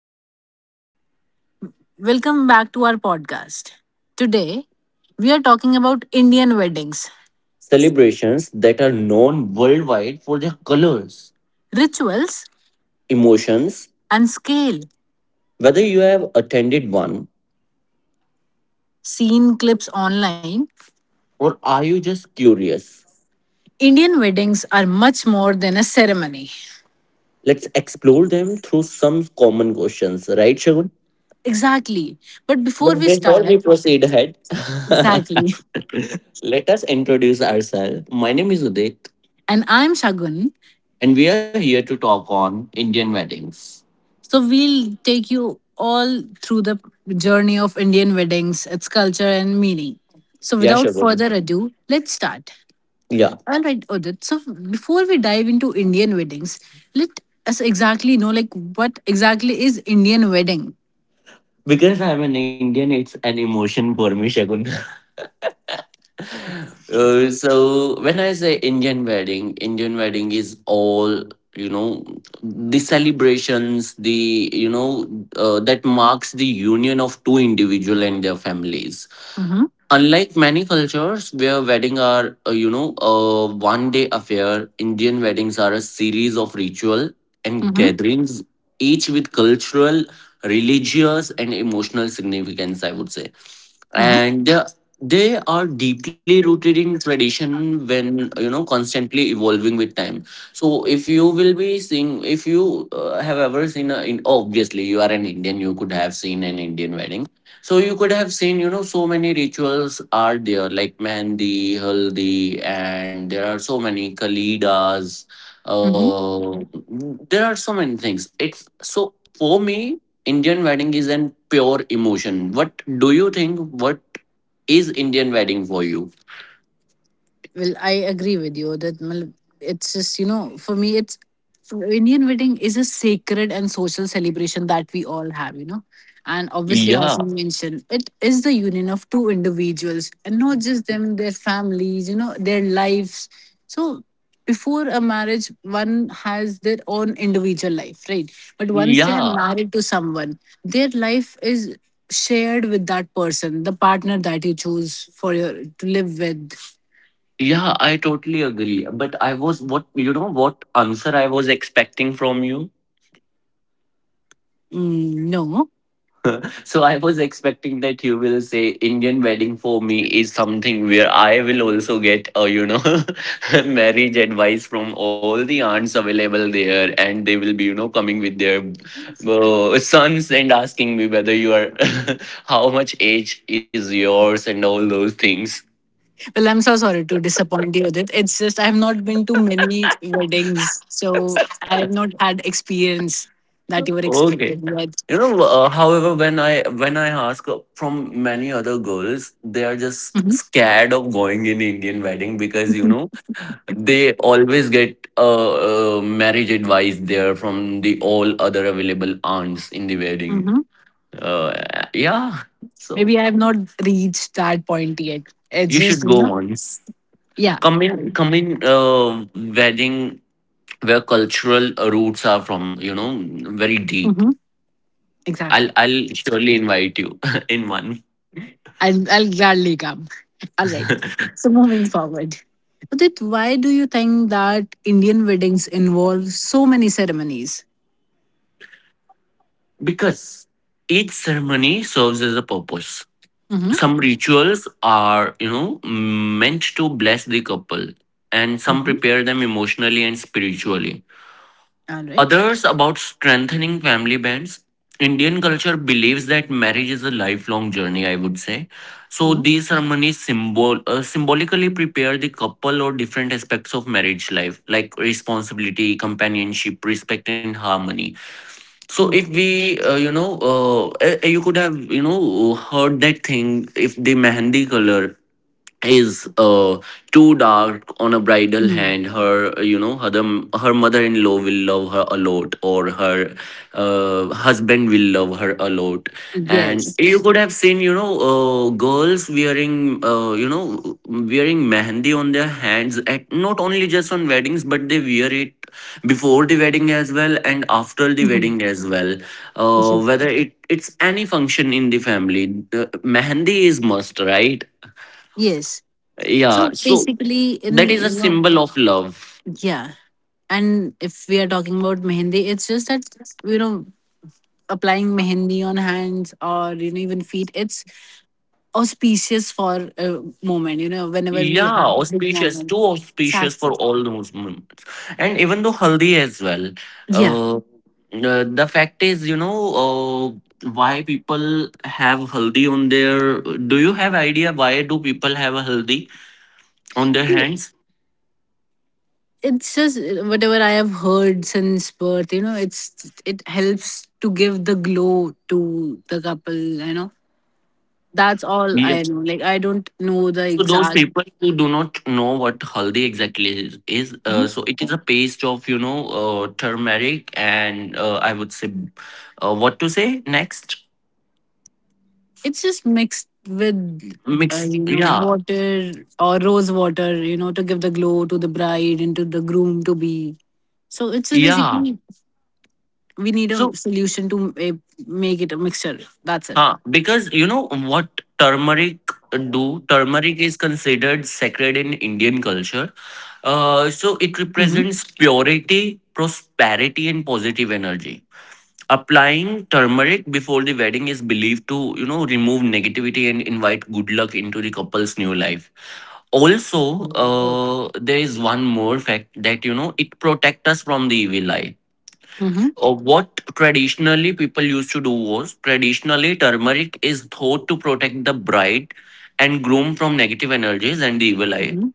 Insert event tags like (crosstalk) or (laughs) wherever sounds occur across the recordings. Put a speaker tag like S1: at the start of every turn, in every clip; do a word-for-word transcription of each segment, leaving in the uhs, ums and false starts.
S1: everyone. Welcome back to our podcast. Today, we are talking about Indian weddings,
S2: Celebrations that are known worldwide for their colors,
S1: rituals,
S2: emotions.
S1: and scale.
S2: Whether you have attended one
S1: Seen clips online,
S2: or are you just curious,
S1: Indian weddings are much more than a ceremony.
S2: let's explore them through some common questions, right, Shagun?
S1: Exactly. But before
S2: But
S1: we
S2: before we
S1: start,
S2: proceed ahead, (laughs)
S1: exactly.
S2: let us introduce ourselves. My name is Udit,
S1: And I'm Shagun.
S2: and we are here to talk on Indian weddings.
S1: So we'll take you all through the journey of Indian weddings, its culture and meaning. So
S2: Yeah,
S1: without
S2: Shagun.
S1: further ado, let's start.
S2: Yeah.
S1: All right, Udit. So before we dive into Indian weddings, let us exactly know like what exactly is Indian wedding.
S2: Because I'm an Indian, it's an emotion for me, Shagun. (laughs) Uh, so when I say Indian wedding, Indian wedding is all you know the celebrations, the you know uh, that marks the union of two individual and their families.
S1: Mm-hmm.
S2: Unlike many cultures where weddings are, uh, you know, a one day affair. Indian weddings are a series of ritual and
S1: Mm-hmm.
S2: gatherings, each with cultural, religious, and emotional significance, I would say.
S1: Mm-hmm.
S2: And uh, They are deeply rooted in tradition when, you know, constantly evolving with time. So if you will be seeing, if you uh, have ever seen, a, in, obviously you are an Indian, you could have seen an Indian wedding, so you could have seen, you know, so many rituals are there, like mehndi, haldi, and there are so many kalidas. Uh, there are so many things. It's so for me, Indian wedding is an pure emotion. What do you think? What is Indian wedding for you?
S1: Well, I agree with you that mal- it's just, you know, for me, it's Indian wedding is a sacred and social celebration that we all have, you know. And obviously, as
S2: Yeah,
S1: you mentioned, it is the union of two individuals and not just them, their families, you know, their lives. So before a marriage, one has their own individual life, right? But once they are
S2: yeah,
S1: married to someone, their life is shared with that person, the partner that you choose for your to live with.
S2: yeah. I totally agree. But I was what you know what answer I was expecting from you.
S1: Mm, no.
S2: So I was expecting that you will say Indian wedding for me is something where I will also get uh, you know (laughs) marriage advice from all the aunts available there, and they will be you know coming with their uh, sons and asking me whether you are (laughs) how much age is yours and all those things.
S1: Well, I'm so sorry to disappoint you, Udit. It's just I've not been to many weddings, so I've not had experience that you were
S2: Okay.
S1: expecting yet.
S2: You know, uh, however, when I when I ask from many other girls, they are just
S1: Mhm.
S2: scared of going in Indian wedding because you know they always get uh, uh, marriage advice there from the all other available aunts in the wedding.
S1: Mhm.
S2: Uh, yeah, so
S1: Maybe I've not reached that point yet. It's
S2: you
S1: just
S2: should
S1: you
S2: go
S1: know,
S2: once.
S1: yeah.
S2: Come
S1: I-
S2: in, come in. Uh, wedding where cultural roots are from. You know, very deep.
S1: Mhm.
S2: I'll
S1: Exactly.
S2: I'll surely invite you (laughs) in one,
S1: I'll I'll gladly come. (laughs) All right. So moving forward, Udit, why do you think that Indian weddings involve so many ceremonies?
S2: because each ceremony serves as a purpose.
S1: Mm-hmm.
S2: Some rituals are you know meant to bless the couple, and some
S1: Mm-hmm.
S2: prepare them emotionally and spiritually,
S1: All right.
S2: others about strengthening family bands. Indian culture believes that marriage is a lifelong journey, I would say. So these ceremonies symbol uh, symbolically prepare the couple or different aspects of marriage life, like responsibility, companionship, respect and harmony. So
S1: Mhm.
S2: if we, uh, you know, uh, eh, you could have, you know, heard that thing. If the mehendi color is uh too dark on a bridal
S1: Mm.
S2: hand, her you know her her mother-in-law will love her a lot, or her uh, husband will love her a lot. And
S1: Yes.
S2: you could have seen, you know uh, girls wearing, uh, you know wearing mehendi on their hands at not only just on weddings, but they wear it before the wedding as well and after the
S1: Mhm.
S2: wedding as well,
S1: Yeah.
S2: uh, whether it it's any function in the family. The mehndi is must, right?
S1: Yes.
S2: Yeah.
S1: So
S2: So
S1: basically,
S2: that is
S1: in
S2: a
S1: you know,
S2: symbol of love.
S1: yeah. And if we are talking about mehendi, it's just that you know applying mehendi on hands or you know even feet. It's auspicious for a moment. You know, whenever we
S2: Yeah,
S1: have a big
S2: auspicious,
S1: moment.
S2: too auspicious
S1: Exactly.
S2: for all those moments. And even though haldi as well.
S1: Yeah.
S2: Uh, uh, the fact is, you know uh, why people have haldi on their, do you have idea why do people have a haldi on their hands?
S1: It's just uh, whatever I have heard since birth. You know, it's it helps to give the glow to the couple. You know, that's all
S2: Yeah.
S1: I know. Like, I don't know the
S2: So those
S1: exact.
S2: people who do not know what haldi exactly is, is
S1: Mhm.
S2: uh, so it is a paste of you know uh, turmeric and uh, I would say uh, what to say next.
S1: It's just mixed with, uh,
S2: mixed
S1: you know,
S2: yeah
S1: water or rose water. You know, to give the glow to the bride and to the groom to be. So it's just
S2: yeah.
S1: basically we need
S2: So,
S1: a solution to uh, make it a mixture. That's it.
S2: huh, because you know what turmeric, do turmeric is considered sacred in Indian culture. Uh, so
S1: Mm-hmm.
S2: it represents purity, prosperity and positive energy. Applying turmeric before the wedding is believed to, you know, remove negativity and invite good luck into the couple's new life. Also, uh, there is one more fact that, you know, it protects us from the evil eye.
S1: Mm-hmm.
S2: Uh, what traditionally people used to do was traditionally turmeric is thought to protect the bride and groom from negative energies and the evil eye.
S1: Mm-hmm.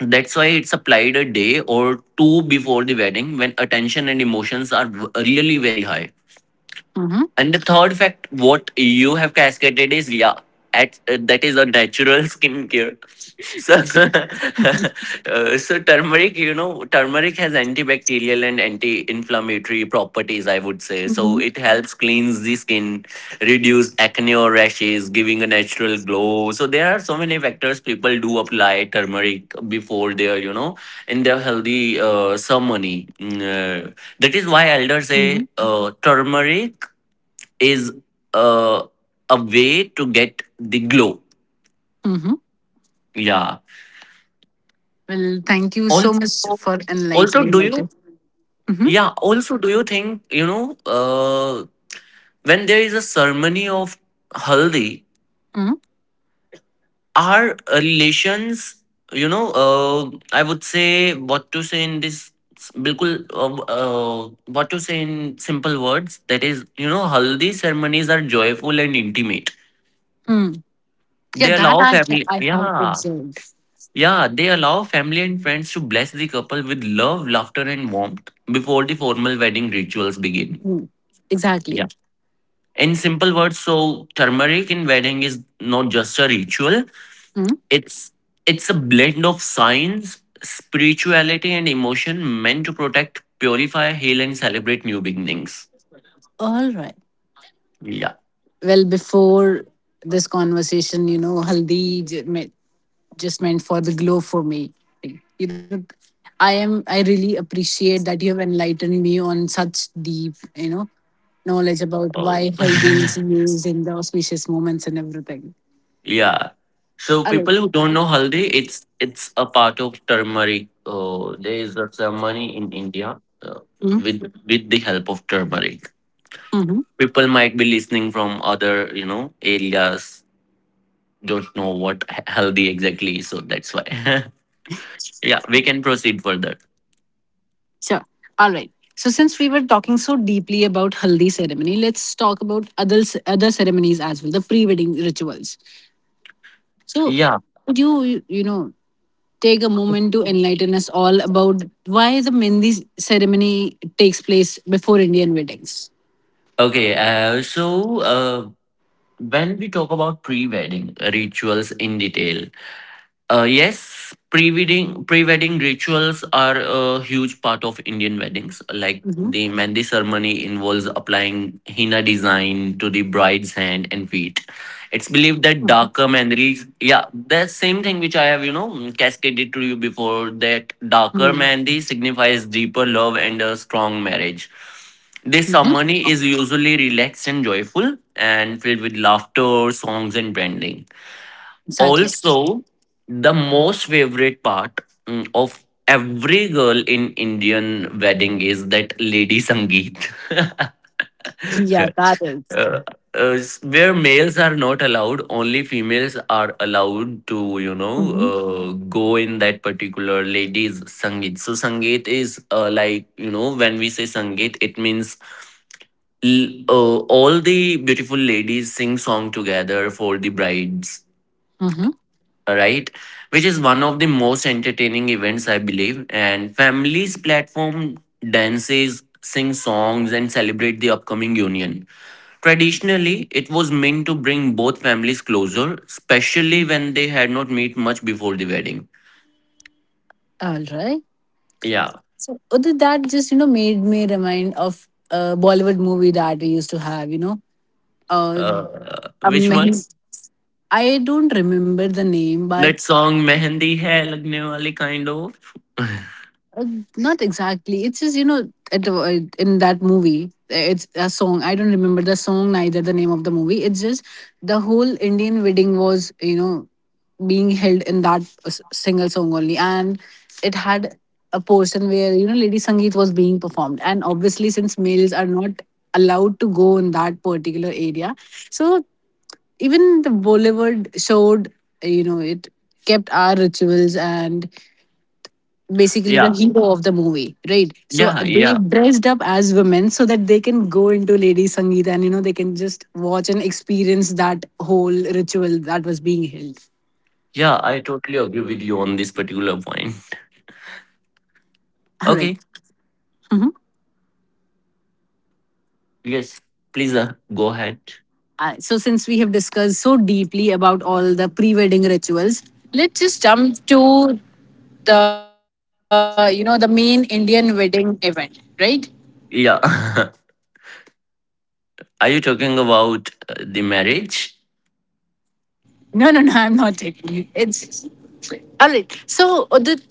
S2: That's why it's applied a day or two before the wedding, when attention and emotions are w- really very high.
S1: Mm-hmm.
S2: And the third fact, what you have cascaded is, yeah, at, uh, that is a natural skincare. So, (laughs) uh, so turmeric, you know, turmeric has antibacterial and anti-inflammatory properties, I would say. So
S1: Mm-hmm.
S2: it helps cleanse the skin, reduce acne or rashes, giving a natural glow. So there are so many factors people do apply turmeric before their, you know, in their healthy uh, ceremony. Mm, uh, that is why elders
S1: Mm-hmm.
S2: say uh, turmeric is uh, a way to get the glow.
S1: Mm-hmm.
S2: Yeah.
S1: Well, thank you so
S2: Also,
S1: much for
S2: also, do
S1: enlightening about
S2: you?
S1: this. Mm-hmm.
S2: Yeah. Also, do you think you know uh, when there is a ceremony of haldi,
S1: Mm-hmm.
S2: our relations, you know, uh, I would say what to say in this. बिल्कुल What to say in simple words? That is, you know, haldi ceremonies are joyful and intimate.
S1: Mm. Yeah,
S2: They
S1: that
S2: allow
S1: I,
S2: family.
S1: I have
S2: Yeah.
S1: observed.
S2: Yeah, they allow family and friends to bless the couple with love, laughter, and warmth before the formal wedding rituals begin.
S1: Mm.
S2: Yeah.
S1: Exactly.
S2: In simple words, so turmeric in wedding is not just a ritual.
S1: Hmm.
S2: It's it's a blend of science, spirituality, and emotion meant to protect, purify, heal, and celebrate new beginnings.
S1: All right.
S2: Yeah.
S1: Well, before this conversation, you know, haldi j- meant, just meant for the glow for me. You know, I am. I really appreciate that you have enlightened me on such deep, you know, knowledge about
S2: Oh.
S1: why haldi is used in the auspicious moments and everything.
S2: Yeah. So
S1: Hello.
S2: people who don't know haldi, it's it's a part of turmeric. Uh, there is a ceremony in India uh, with with the help of turmeric.
S1: Mm-hmm.
S2: People might be listening from other you know areas, don't know what h- haldi exactly, so that's why. (laughs) Yeah, we can proceed further.
S1: Sure. All right. So since we were talking so deeply about haldi ceremony, let's talk about other other ceremonies as well, the pre-wedding rituals. So,
S2: Yeah.
S1: would you, you you know, take a moment to enlighten us all about why the Mendi ceremony takes place before Indian weddings?
S2: Okay. Uh, so uh, when we talk about pre-wedding rituals in detail, Uh, yes, pre-wedding pre-wedding rituals are a huge part of Indian weddings. Like
S1: Mm-hmm.
S2: the mehndi ceremony involves applying henna design to the bride's hand and feet. It's believed that darker mehendis, yeah, the same thing which I have you know cascaded to you before. That
S1: Mm-hmm.
S2: darker mehndi signifies deeper love and a strong marriage. This
S1: Mm-hmm.
S2: ceremony is usually relaxed and joyful and filled with laughter, songs, and branding.
S1: Exactly.
S2: Also, the most favorite part, mm, of every girl in Indian wedding is that lady sangeet. (laughs)
S1: Yeah,
S2: uh,
S1: that is.
S2: uh, where males are not allowed, only females are allowed to, you know,
S1: Mm-hmm.
S2: uh, go in that particular ladies sangeet. So sangeet is uh, like, you know, when we say sangeet, it means l- uh, all the beautiful ladies sing song together for the brides,
S1: Mm-hmm.
S2: right? Which is one of the most entertaining events, I believe, and families platform dances, sing songs and celebrate the upcoming union. Traditionally, it was meant to bring both families closer, especially when they had not met much before the wedding.
S1: All right.
S2: Yeah.
S1: So other that just you know made me remind of a Bollywood movie that we used to have. You know, uh,
S2: Uh,
S1: a
S2: which
S1: men-
S2: one?
S1: I don't remember the name, but
S2: That song, mehendi hai lagne wali kind of.
S1: Uh, not exactly. It's just you know at, uh, in that movie, uh, it's a song. I don't remember the song neither the name of the movie. It's just the whole Indian wedding was you know being held in that uh, s- single song only, and it had a portion where you know Lady Sangeet was being performed, and obviously since males are not allowed to go in that particular area, so even the Bollywood showed uh, you know it kept our rituals, and basically the
S2: yeah
S1: hero of the movie, right? So
S2: yeah
S1: they
S2: yeah
S1: dressed up as women so that they can go into Lady Sangeeta and you know they can just watch and experience that whole ritual that was being held.
S2: yeah I totally agree with you on this particular point.
S1: (laughs) All right.
S2: Okay.
S1: Mhm.
S2: Yes, please, uh, go ahead.
S1: Uh, so since we have discussed so deeply about all the pre-wedding rituals, let's just jump to the you know the main Indian wedding event, right?
S2: Yeah. (laughs) Are you talking about uh, the marriage?
S1: No, no, no, I'm not taking it. It's all right. So uh, the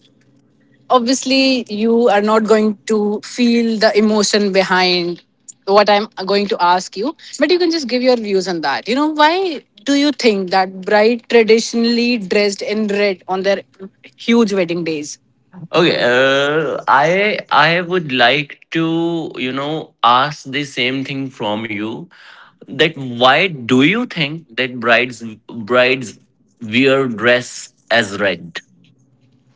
S1: obviously you are not going to feel the emotion behind what I'm going to ask you, but you can just give your views on that. You know, why do you think that bride traditionally dressed in red on their huge wedding days?
S2: Okay, uh, I I would like to, you know, ask the same thing from you, that why do you think that brides brides wear dress as red?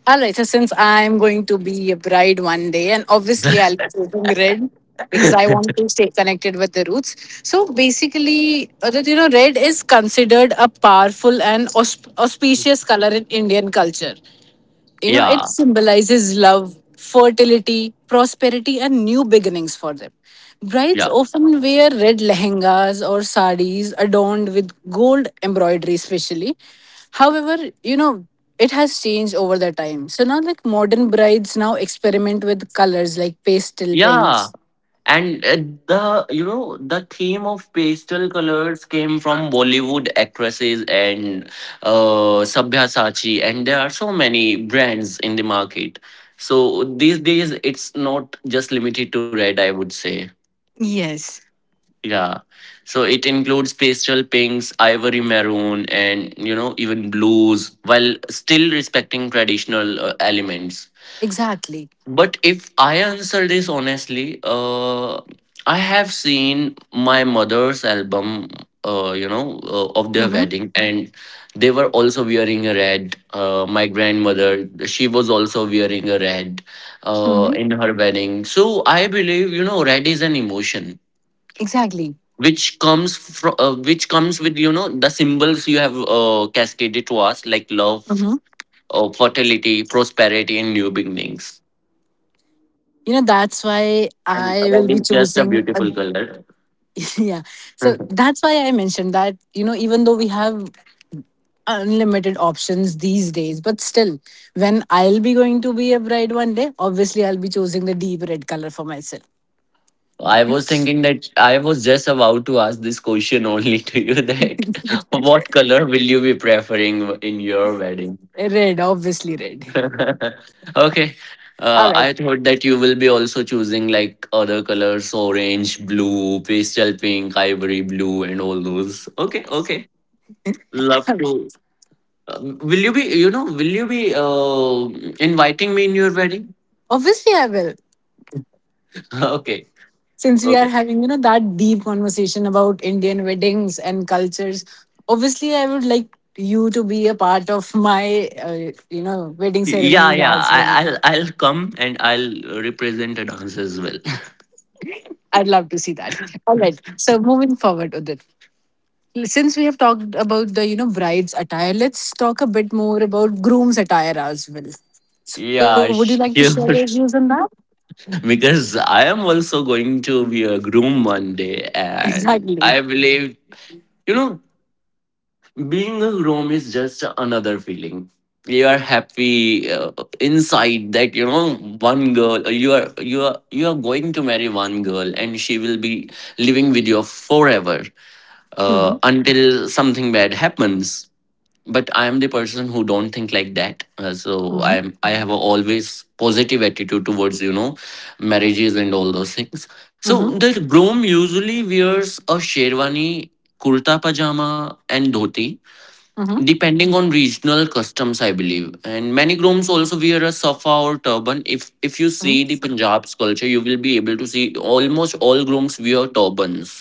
S1: All right. So since I'm going to be a bride one day and obviously I'll
S2: (laughs)
S1: be wearing red because I want to stay connected with the roots, so basically, uh, that you know, red is considered a powerful and aus- auspicious color in Indian culture. You know, it
S2: Yeah,
S1: symbolizes love, fertility, prosperity, and new beginnings for them. Brides
S2: yeah.
S1: often wear red lehengas or saris adorned with gold embroidery, especially. However, you know, it has changed over the time. So now, like modern brides now experiment with colors like pastel
S2: Yeah,
S1: pinks.
S2: and uh, the you know the theme of pastel colors came from Bollywood actresses and uh Sabyasachi, and there are so many brands in the market, so these days it's not just limited to red, I would say.
S1: Yes,
S2: Yeah. So it includes pastel pinks, ivory, maroon and, you know, even blues, while still respecting traditional uh, elements.
S1: exactly.
S2: But if I answer this honestly, uh, I have seen my mother's album, uh, you know, uh, of their
S1: Mm-hmm.
S2: wedding, and they were also wearing a red. Uh, my grandmother, she was also wearing a red uh,
S1: Mm-hmm.
S2: in her wedding. So I believe, you know, red is an emotion
S1: Exactly.
S2: which comes from, uh, which comes with, you know, the symbols you have uh, cascaded to us, like love,
S1: Mm-hmm.
S2: uh, fertility, prosperity, and new beginnings.
S1: You know, that's why I will
S2: And
S1: be
S2: red is
S1: choosing.
S2: just a beautiful color.
S1: Yeah. So
S2: (laughs)
S1: that's why I mentioned that, you know, even though we have unlimited options these days, but still, when I'll be going to be a bride one day, obviously I'll be choosing the deep red color for myself.
S2: I was thinking that I was just about to ask this question only (laughs) to you that (laughs) what color will you be preferring in your wedding?
S1: Red, obviously red.
S2: (laughs) Okay.
S1: All
S2: Uh,
S1: right.
S2: I thought that you will be also choosing like other colors, orange, blue, pastel pink, ivory blue, and all those. Okay, okay. Love
S1: (laughs)
S2: to. Um, will you be, you know, will you be uh, inviting me in your wedding?
S1: Obviously I will.
S2: (laughs) Okay,
S1: Since we are
S2: okay.
S1: having, you know, that deep conversation about Indian weddings and cultures, obviously I would like you to be a part of my, uh, you know, wedding
S2: Yeah,
S1: ceremonies
S2: yeah.
S1: as
S2: I,
S1: well.
S2: I'll I'll come and I'll represent a dance as well. (laughs)
S1: I'd love to see that. All right. So moving forward, Udit, since we have talked about the you know bride's attire, let's talk a bit more about groom's attire as well. So would you like
S2: Yeah,
S1: to share your
S2: sure.
S1: views on
S2: (laughs)
S1: that?
S2: Because I am also going to be a groom one day,
S1: (laughs)
S2: and
S1: Exactly.
S2: I believe, you know, being a groom is just another feeling. You are happy uh, inside that, you know, one girl. You are you are you are going to marry one girl, and she will be living with you forever
S1: Mm-hmm.
S2: uh, until something bad happens. But I am the person who don't think like that. Uh, so
S1: Mm-hmm.
S2: i'm i have a always positive attitude towards you know marriages and all those things. So
S1: Mm-hmm.
S2: the groom usually wears a sherwani, kurta pajama, and dhoti,
S1: Mm-hmm.
S2: depending on regional customs, I believe. And many grooms also wear a safa or turban. If if you see the
S1: Mm-hmm.
S2: Punjab's culture, you will be able to see almost all grooms wear turbans.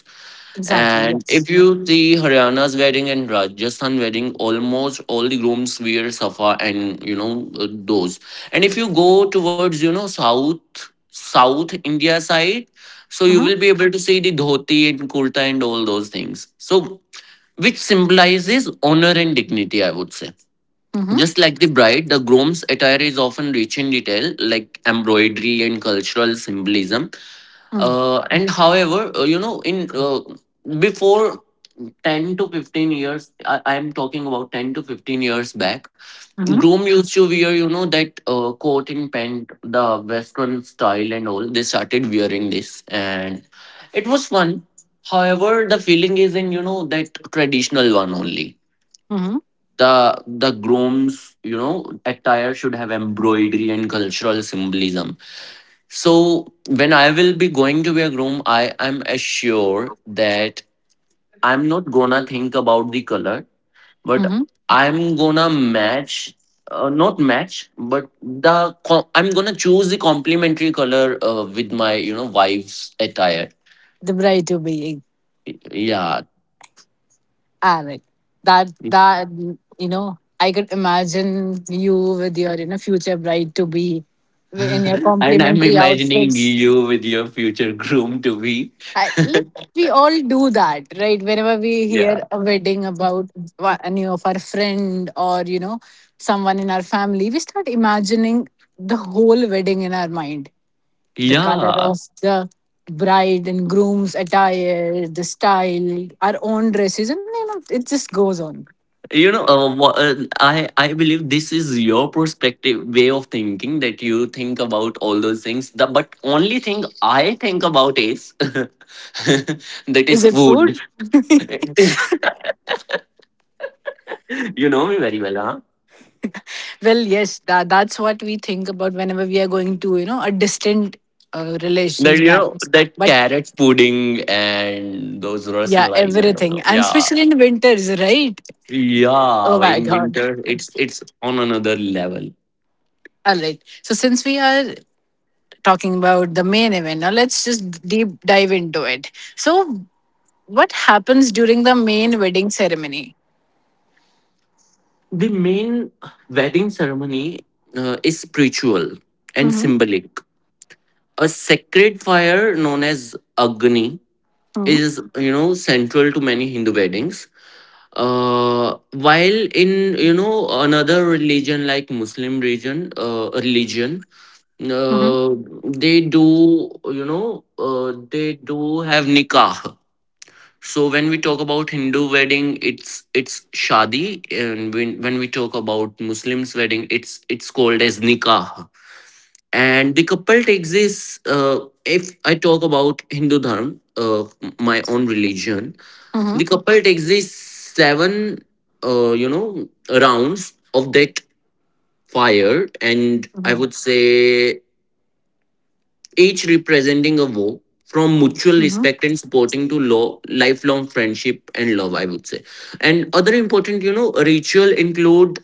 S1: Exactly,
S2: And
S1: yes.
S2: if you see Haryana's wedding and Rajasthan wedding, almost all the grooms wear safa and you know uh, those. And if you go towards you know south South India side, so you
S1: Mm-hmm.
S2: will be able to see the dhoti and kurta and all those things. So, which symbolizes honor and dignity, I would say.
S1: Mm-hmm.
S2: Just like the bride, the groom's attire is often rich in detail, like embroidery and cultural symbolism.
S1: Mm-hmm.
S2: Uh, and however, uh, you know, in uh, before ten to fifteen years. I, I'm talking about ten to fifteen years back. Groom used to wear, you know, that uh, coat and pant, the Western style and all. They started wearing this and it was fun. However, the feeling is in, you know, that traditional one only.
S1: Mm-hmm.
S2: The the groom's, you know, attire should have embroidery and cultural symbolism. So when I will be going to be a groom, I am assured that I'm not gonna think about the color, but
S1: Mm-hmm.
S2: I'm gonna match, uh, not match, but the co- I'm gonna choose the complementary color uh, with my you know wife's attire.
S1: The bride to be.
S2: Yeah.
S1: Alright. That that, you know, I could imagine you with your you know future bride to be
S2: (laughs)
S1: in your
S2: And I'm
S1: complimentary
S2: imagining
S1: outfits.
S2: you with your future groom to be.
S1: I, like, we all do that, right? Whenever we
S2: Yeah.
S1: hear a wedding about wha- any of our friend or you know someone in our family, we start imagining the whole wedding in our mind. The color
S2: Yeah.
S1: of the bride and groom's attire, the style, our own dresses, and you know it just goes on.
S2: you know uh, wha- uh, i i believe this is your perspective way of thinking, that you think about all those things, the, but only thing I think about is (laughs) that
S1: Is
S2: is
S1: it
S2: food.
S1: food? (laughs)
S2: (laughs) You know me very well, huh?
S1: Well, yes, that, that's what we think about whenever we are going to you know a distant uh,
S2: That
S1: relations
S2: you know
S1: marriage.
S2: that
S1: But
S2: carrot pudding and those
S1: yeah,
S2: rasmalai and
S1: everything.
S2: all.
S1: And
S2: Yeah.
S1: especially in winters, right? Oh
S2: Yeah,
S1: my
S2: in
S1: God.
S2: winter it's it's on another level.
S1: All right. So, since we are talking about the main event, now let's just deep dive into it. So, what happens during the main wedding ceremony?
S2: The main wedding ceremony uh, is spiritual and
S1: Mm-hmm.
S2: symbolic. A sacred fire known as Agni
S1: Mm-hmm.
S2: is, you know, central to many Hindu weddings. Uh, while in, you know, another religion like Muslim religion, uh, religion, uh, they do, you know, uh, they do have nikah. So when we talk about Hindu wedding, it's it's shadi, and when when we talk about Muslims wedding, it's it's called as nikah. And the couple takes this, uh, if I talk about Hindu dharma, uh, my own religion,
S1: Mm-hmm.
S2: the couple takes these seven uh, you know rounds of that fire, and I
S1: Mm-hmm.
S2: would say each representing a vow, from mutual
S1: Mm-hmm.
S2: respect and supporting to law, lifelong friendship and love, I would say. And other important you know ritual include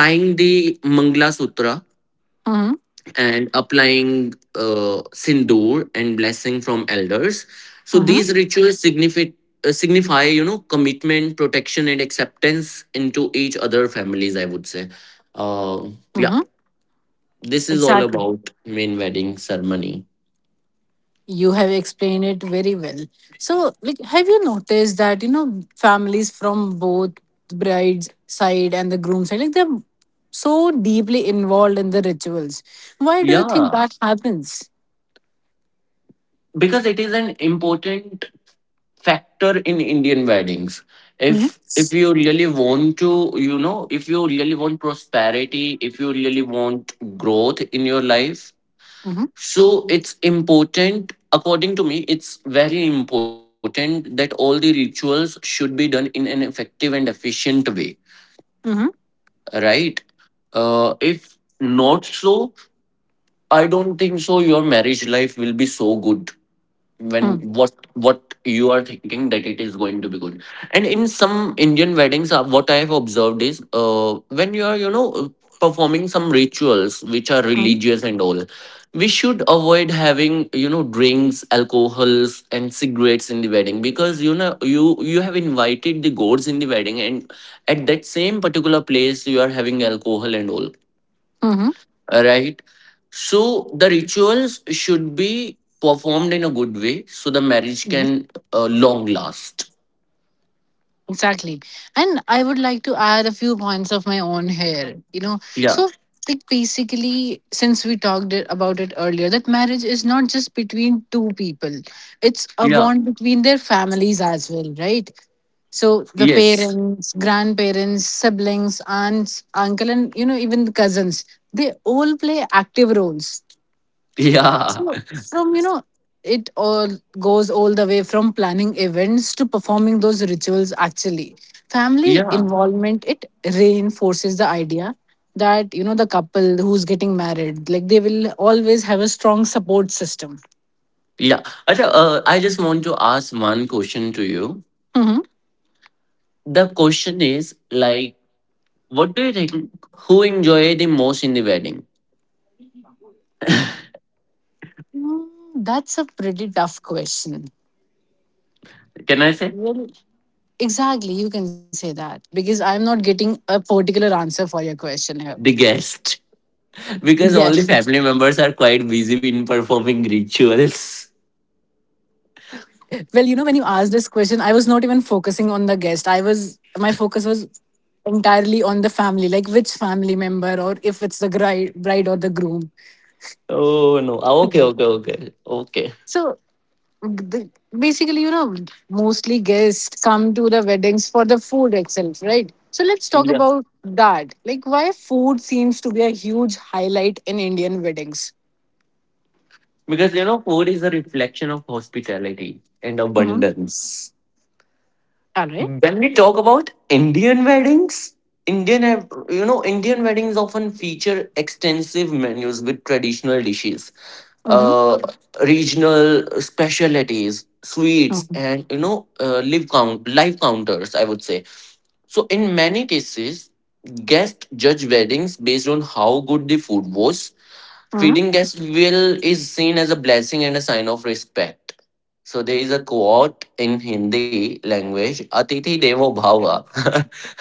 S2: tying the mangla sutra
S1: Mm-hmm.
S2: and applying uh, sindoor and blessing from elders. So these
S1: Mm-hmm.
S2: rituals signify, uh, signify, you know, commitment, protection, and acceptance into each other families, I would say. uh, yeah, this is all
S1: Exactly.
S2: about main wedding ceremony.
S1: You have explained it very well. So, like, have you noticed that you know families from both the bride's side and the groom's side, like they're so deeply involved in the rituals? Why do you think
S2: Yeah,
S1: that happens?
S2: because it is an important factor in Indian weddings.
S1: Mm-hmm.
S2: If if you really want to, you know, if you really want prosperity, if you really want growth in your life, so it's important, according to me, it's very important that all the rituals should be done in an effective and efficient way,
S1: Mm-hmm.
S2: right? Uh, if not so, I don't think so your marriage life will be so good when
S1: Mm-hmm.
S2: what what you are thinking that it is going to be good. And in some Indian weddings, uh, what I have observed is, uh, when you are, you know uh, performing some rituals which are
S1: Mm-hmm.
S2: religious and all, we should avoid having you know drinks, alcohols, and cigarettes in the wedding, because you know you you have invited the gods in the wedding, and at that same particular place you are having alcohol and all, right? So the rituals should be performed in a good way so the marriage
S1: Mm-hmm.
S2: can uh, long last.
S1: Exactly. And I would like to add a few points of my own here. You know,
S2: Yeah,
S1: so like basically, since we talked it- about it earlier, that marriage is not just between two people, it's a
S2: yeah,
S1: bond between their families as well, right? So the
S2: yes,
S1: parents, grandparents, siblings, aunts, uncle, and you know, even the cousins, they all play active roles.
S2: yeah.
S1: So, from you know, it all goes all the way from planning events to performing those rituals. Actually,
S2: (laughs)
S1: family
S2: Yeah,
S1: involvement it reinforces the idea that you know the couple who's getting married, like they will always have a strong support system.
S2: yeah. Acha, uh, I just want to ask one question to you.
S1: Hmm,
S2: The question is like, what do you think, who enjoy the most in the wedding?
S1: that's a pretty tough question.
S2: Can I say?
S1: Well, exactly, you can say that because I'm not getting a particular answer for your question here.
S2: The guest. (laughs) Because all the
S1: Yes.
S2: family members are quite busy in performing rituals.
S1: Well, you know, when you asked this question, I was not even focusing on the guest. I was, my focus was entirely on the family, like which family member, or if it's the bride, bride or the groom.
S2: (laughs) Oh no. Ah, okay, okay, okay. Okay.
S1: So the, basically, you know, mostly guests come to the weddings for the food itself, right? So let's talk
S2: Yes.
S1: about that. Like, why food seems to be a huge highlight in Indian weddings.
S2: Because you know, food is a reflection of hospitality and
S1: Mm-hmm.
S2: abundance.
S1: All right.
S2: When we talk about Indian weddings, Indian have- you know Indian weddings often feature extensive menus with traditional dishes,
S1: Mm-hmm.
S2: uh, regional specialties, sweets, and you know uh, live count live counters, I would say. So, in many cases, guests judge weddings based on how good the food was. Feeding guests will is seen as a blessing and a sign of respect. So there is a quote in Hindi language, Atithi Devo Bhava.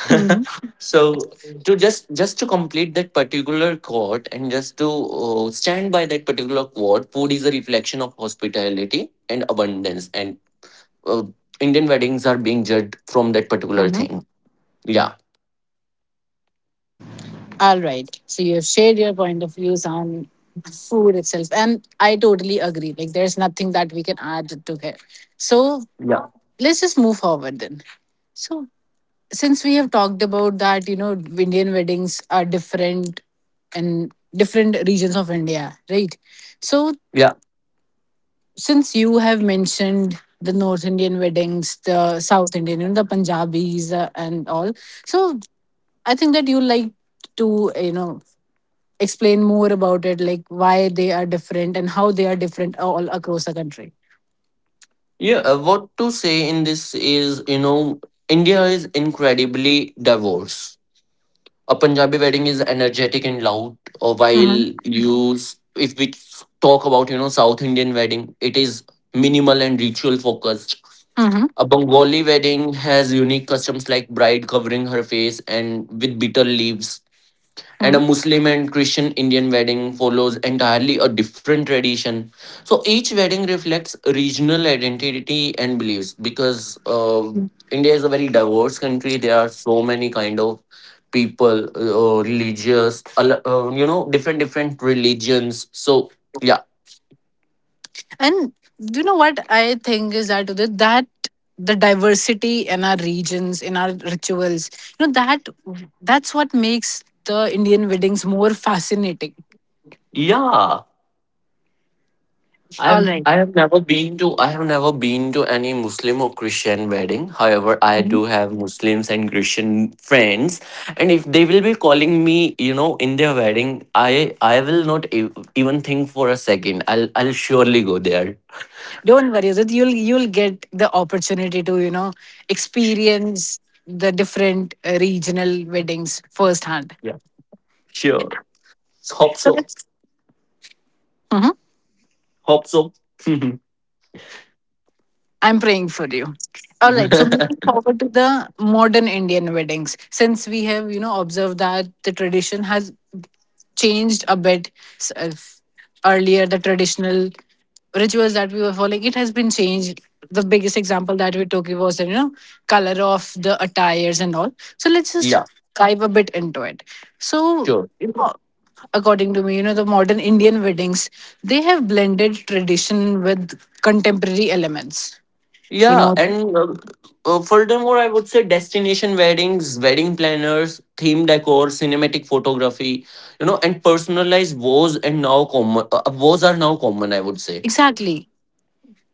S1: Mm-hmm.
S2: (laughs) So to just just to complete that particular quote and just to uh, stand by that particular quote, food is a reflection of hospitality and abundance, and uh, Indian weddings are being judged from that particular
S1: Mm-hmm.
S2: thing. Yeah,
S1: All right. So you have shared your point of views on food itself. And I totally agree. Like there's nothing that we can add to it. So
S2: yeah,
S1: let's just move forward then. So since we have talked about that, you know, Indian weddings are different in different regions of India, right? So
S2: yeah.
S1: since you have mentioned the North Indian weddings, the South Indian, you know, the Punjabis uh, and all. So I think that you like to, you know, explain more about it, like why they are different and how they are different all across the country.
S2: Yeah, uh, what to say in this is, you know, India is incredibly diverse. A Punjabi wedding is energetic and loud, or while
S1: Mm-hmm.
S2: you, s- if we talk about, you know, South Indian wedding, it is minimal and ritual focused.
S1: Mm-hmm.
S2: A Bengali wedding has unique customs like bride covering her face and with bitter leaves, and a
S1: Mm-hmm.
S2: Muslim and Christian Indian wedding follows entirely a different tradition. So each wedding reflects regional identity and beliefs, because uh, India is a very diverse country. There are so many kind of people, uh, religious, al- uh, you know, different different religions. So yeah,
S1: And do you know what I think is that, Udit, that the diversity in our regions, in our rituals, you know, that that's what makes the Indian weddings more fascinating.
S2: yeah.
S1: All
S2: I've
S1: right.
S2: I have never been to I have never been to any Muslim or Christian wedding. However, I
S1: Mhm.
S2: do have Muslims and Christian friends, and if they will be calling me, you know, in their wedding, I I will not e- even think for a second. I'll I'll surely go there.
S1: Don't worry, Udit, you'll you'll get the opportunity to you know experience the different uh, regional weddings firsthand.
S2: Yeah, sure. Hope
S1: So
S2: so.
S1: let's. Mhm.
S2: Hope so.
S1: I'm praying for you. All right. So
S2: (laughs)
S1: moving forward to the modern Indian weddings, since we have you know observed that the tradition has changed a bit. S- uh, f- Earlier, the traditional rituals that we were following, it has been changed. The biggest example that we took was the you know color of the attires and all. So let's just
S2: (laughs) Yeah,
S1: dive a bit into it. So
S2: sure.
S1: you know, according to me, you know, the modern Indian weddings, they have blended tradition with contemporary elements, you
S2: Yeah,
S1: know.
S2: and uh, uh, furthermore, I would say destination weddings, wedding planners, theme decor, cinematic photography, you know, and personalized vows and now common uh, uh, vows are now common, I would say.
S1: Exactly.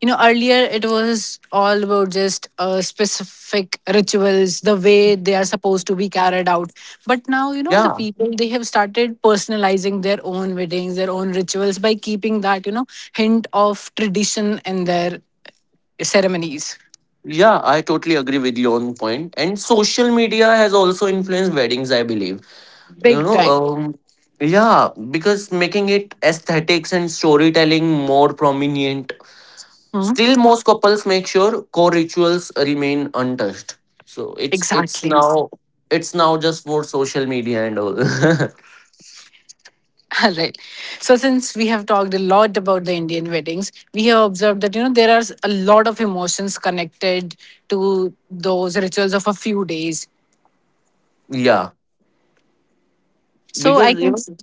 S1: You know, earlier it was all about just uh, specific rituals the way they are supposed to be carried out, but now, you know, the
S2: Yeah,
S1: people, they have started personalizing their own weddings, their own rituals by keeping that, you know, hint of tradition in their ceremonies.
S2: yeah, I totally agree with you on point. And social media has also influenced weddings, I believe. You
S1: Big
S2: know,
S1: time.
S2: um, yeah, because making it aesthetics and storytelling more prominent.
S1: Hmm?
S2: Still, most couples make sure core rituals remain untouched. So it's it's
S1: Exactly.
S2: now it's now just for social media and all.
S1: (laughs) All right. So since we have talked a lot about the Indian weddings, we have observed that, you know, there are a lot of emotions connected to those rituals of a few days.
S2: (laughs) Yeah,
S1: So I
S2: because you
S1: can
S2: know.
S1: so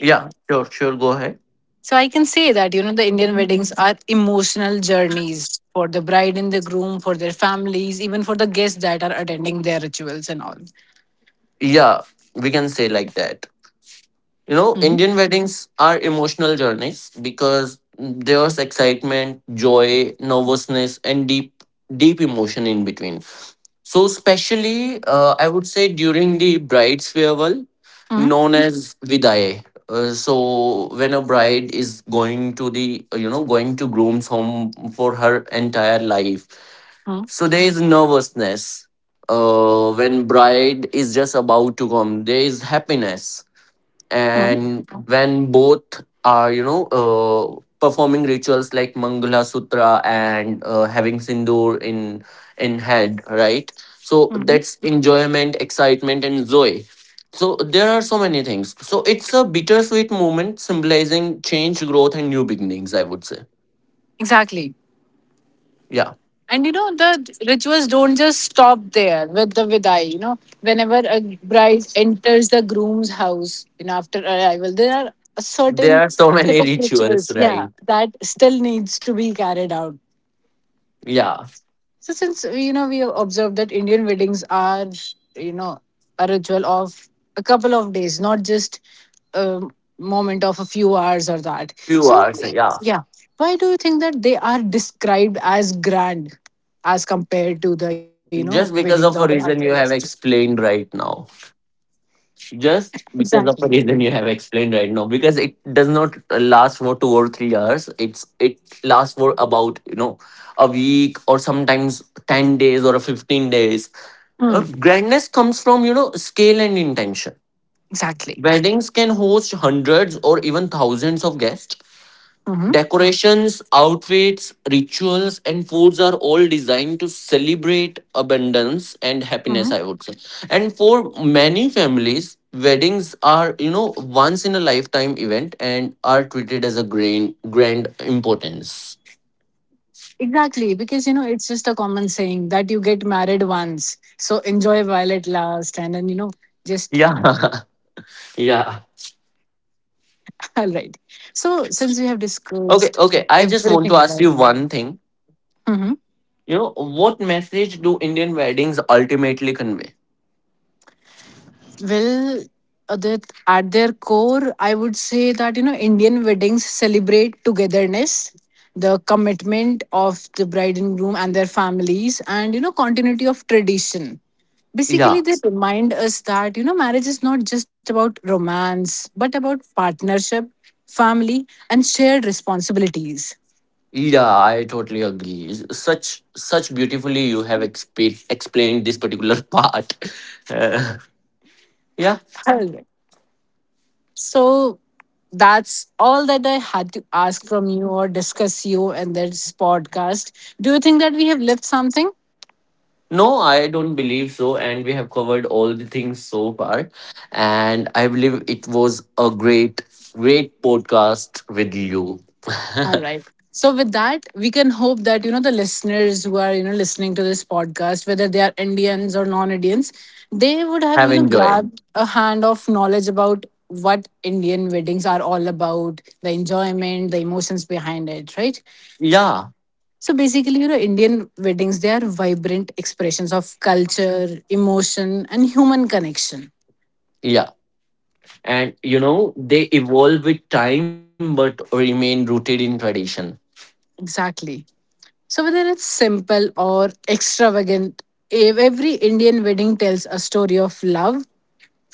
S2: Yeah, sure, sure. Go ahead.
S1: I can say that, you know, the Indian weddings are emotional journeys for the bride and the groom, for their families, even for the guests that are attending their rituals and all.
S2: Yeah, we can say like that. You know,
S1: Mhm.
S2: Indian weddings are emotional journeys because there's excitement, joy, nervousness, and deep, deep emotion in between. So, especially, uh, I would say during the bride's farewell,
S1: Mhm.
S2: known as vidaye. Uh, so, when a bride is going to the, uh, you know, going to groom's home for her entire life,
S1: Mhm.
S2: so there is nervousness. Uh, when bride is just about to come, there is happiness,
S1: Mhm.
S2: and when both are you know uh, performing rituals like mangala sutra and uh, having sindoor in in head, right? So
S1: Mhm.
S2: that's enjoyment, excitement, and joy. So there are so many things. So it's a bittersweet moment symbolizing change, growth, and new beginnings, I would say.
S1: Exactly.
S2: Yeah,
S1: And you know, the rituals don't just stop there with the vidai. You know, whenever a bride enters the groom's house, you know, after arrival, there are a
S2: there
S1: certain
S2: are so (laughs)
S1: set
S2: many
S1: of
S2: rituals,
S1: rituals, yeah,
S2: right?
S1: that still needs to be carried out.
S2: Yeah,
S1: So since uh, you know, we have observed that Indian weddings are, you know, a ritual of a couple of days, not just a moment of a few hours or that.
S2: few
S1: So
S2: hours. Yeah,
S1: yeah, why do you think that they are described as grand as compared to the, you know,
S2: just
S1: weddings of
S2: because of a reason you have explained right now, just because of
S1: exactly.
S2: a reason you have explained right now, because it does not last for two or three hours. It's it lasts for about you know a week or sometimes ten days or a fifteen days. Uh,
S1: Mm,
S2: grandness comes from you know scale and intention.
S1: exactly.
S2: Weddings can host hundreds or even thousands of guests.
S1: Hmm.
S2: Decorations, outfits, rituals, and foods are all designed to celebrate abundance and
S1: Hmm.
S2: happiness, I would say. And for many families, weddings are, you know, once in a lifetime event and are treated as a grand, grand importance.
S1: Exactly, because you know it's just a common saying that you get married once, so enjoy while it lasts, and then you know just.
S2: Yeah. (laughs) Yeah.
S1: (laughs) All right. So, since we have disclosed
S2: Okay, okay. I
S1: everything
S2: just want
S1: about
S2: to ask
S1: them,
S2: you one thing.
S1: hmm,
S2: You know, what message do Indian weddings ultimately convey?
S1: well, Adit, at their core, I would say that, you know, Indian weddings celebrate togetherness, the commitment of the bride and groom and their families, and, you know, continuity of tradition. Basically,
S2: Yeah.
S1: they remind us that, you know, marriage is not just about romance, but about partnership, family, and shared responsibilities.
S2: Yeah, I totally agree. S- Such such beautifully you have exp- explained this particular (laughs) part. Uh, yeah.
S1: Alright. So that's all that I had to ask from you or discuss you in this podcast. Do you think that we have left something?
S2: No, I don't believe so, and we have covered all the things so far, and I believe it was a great, great podcast with you. (laughs)
S1: All right. So with that, we can hope that, you know, the listeners who are, you know, listening to this podcast, whether they are Indians or non-Indians, they would have,
S2: Have
S1: you know,
S2: enjoyed.
S1: grabbed a hand of knowledge about what Indian weddings are all about, the enjoyment, the emotions behind it, right?
S2: Yeah.
S1: So basically, you know, Indian weddings, they are vibrant expressions of culture, emotion, and human connection.
S2: Yeah. And you know, they evolve with time but remain rooted in tradition,
S1: Exactly. So whether it's simple or extravagant, ev- every Indian wedding tells a story of love,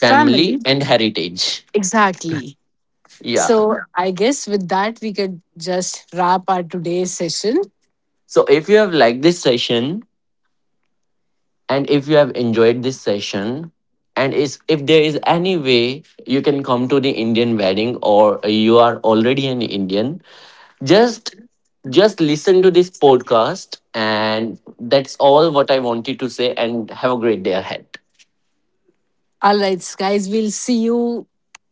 S2: family and heritage.
S1: Exactly.
S2: Yeah.
S1: So I guess with that, we could just wrap our today's session.
S2: So if you have liked this session, and if you have enjoyed this session, and is if there is any way you can come to the Indian wedding or you are already an Indian, just just listen to this podcast, and that's all what I wanted to say, and have a great day ahead.
S1: All right, guys, we'll see you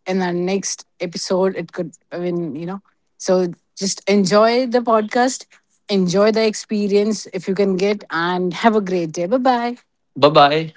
S1: in our next episode. It could, I mean, you know, so just enjoy the podcast, enjoy the experience if you can get, and have a great day. Bye bye.
S2: Bye bye.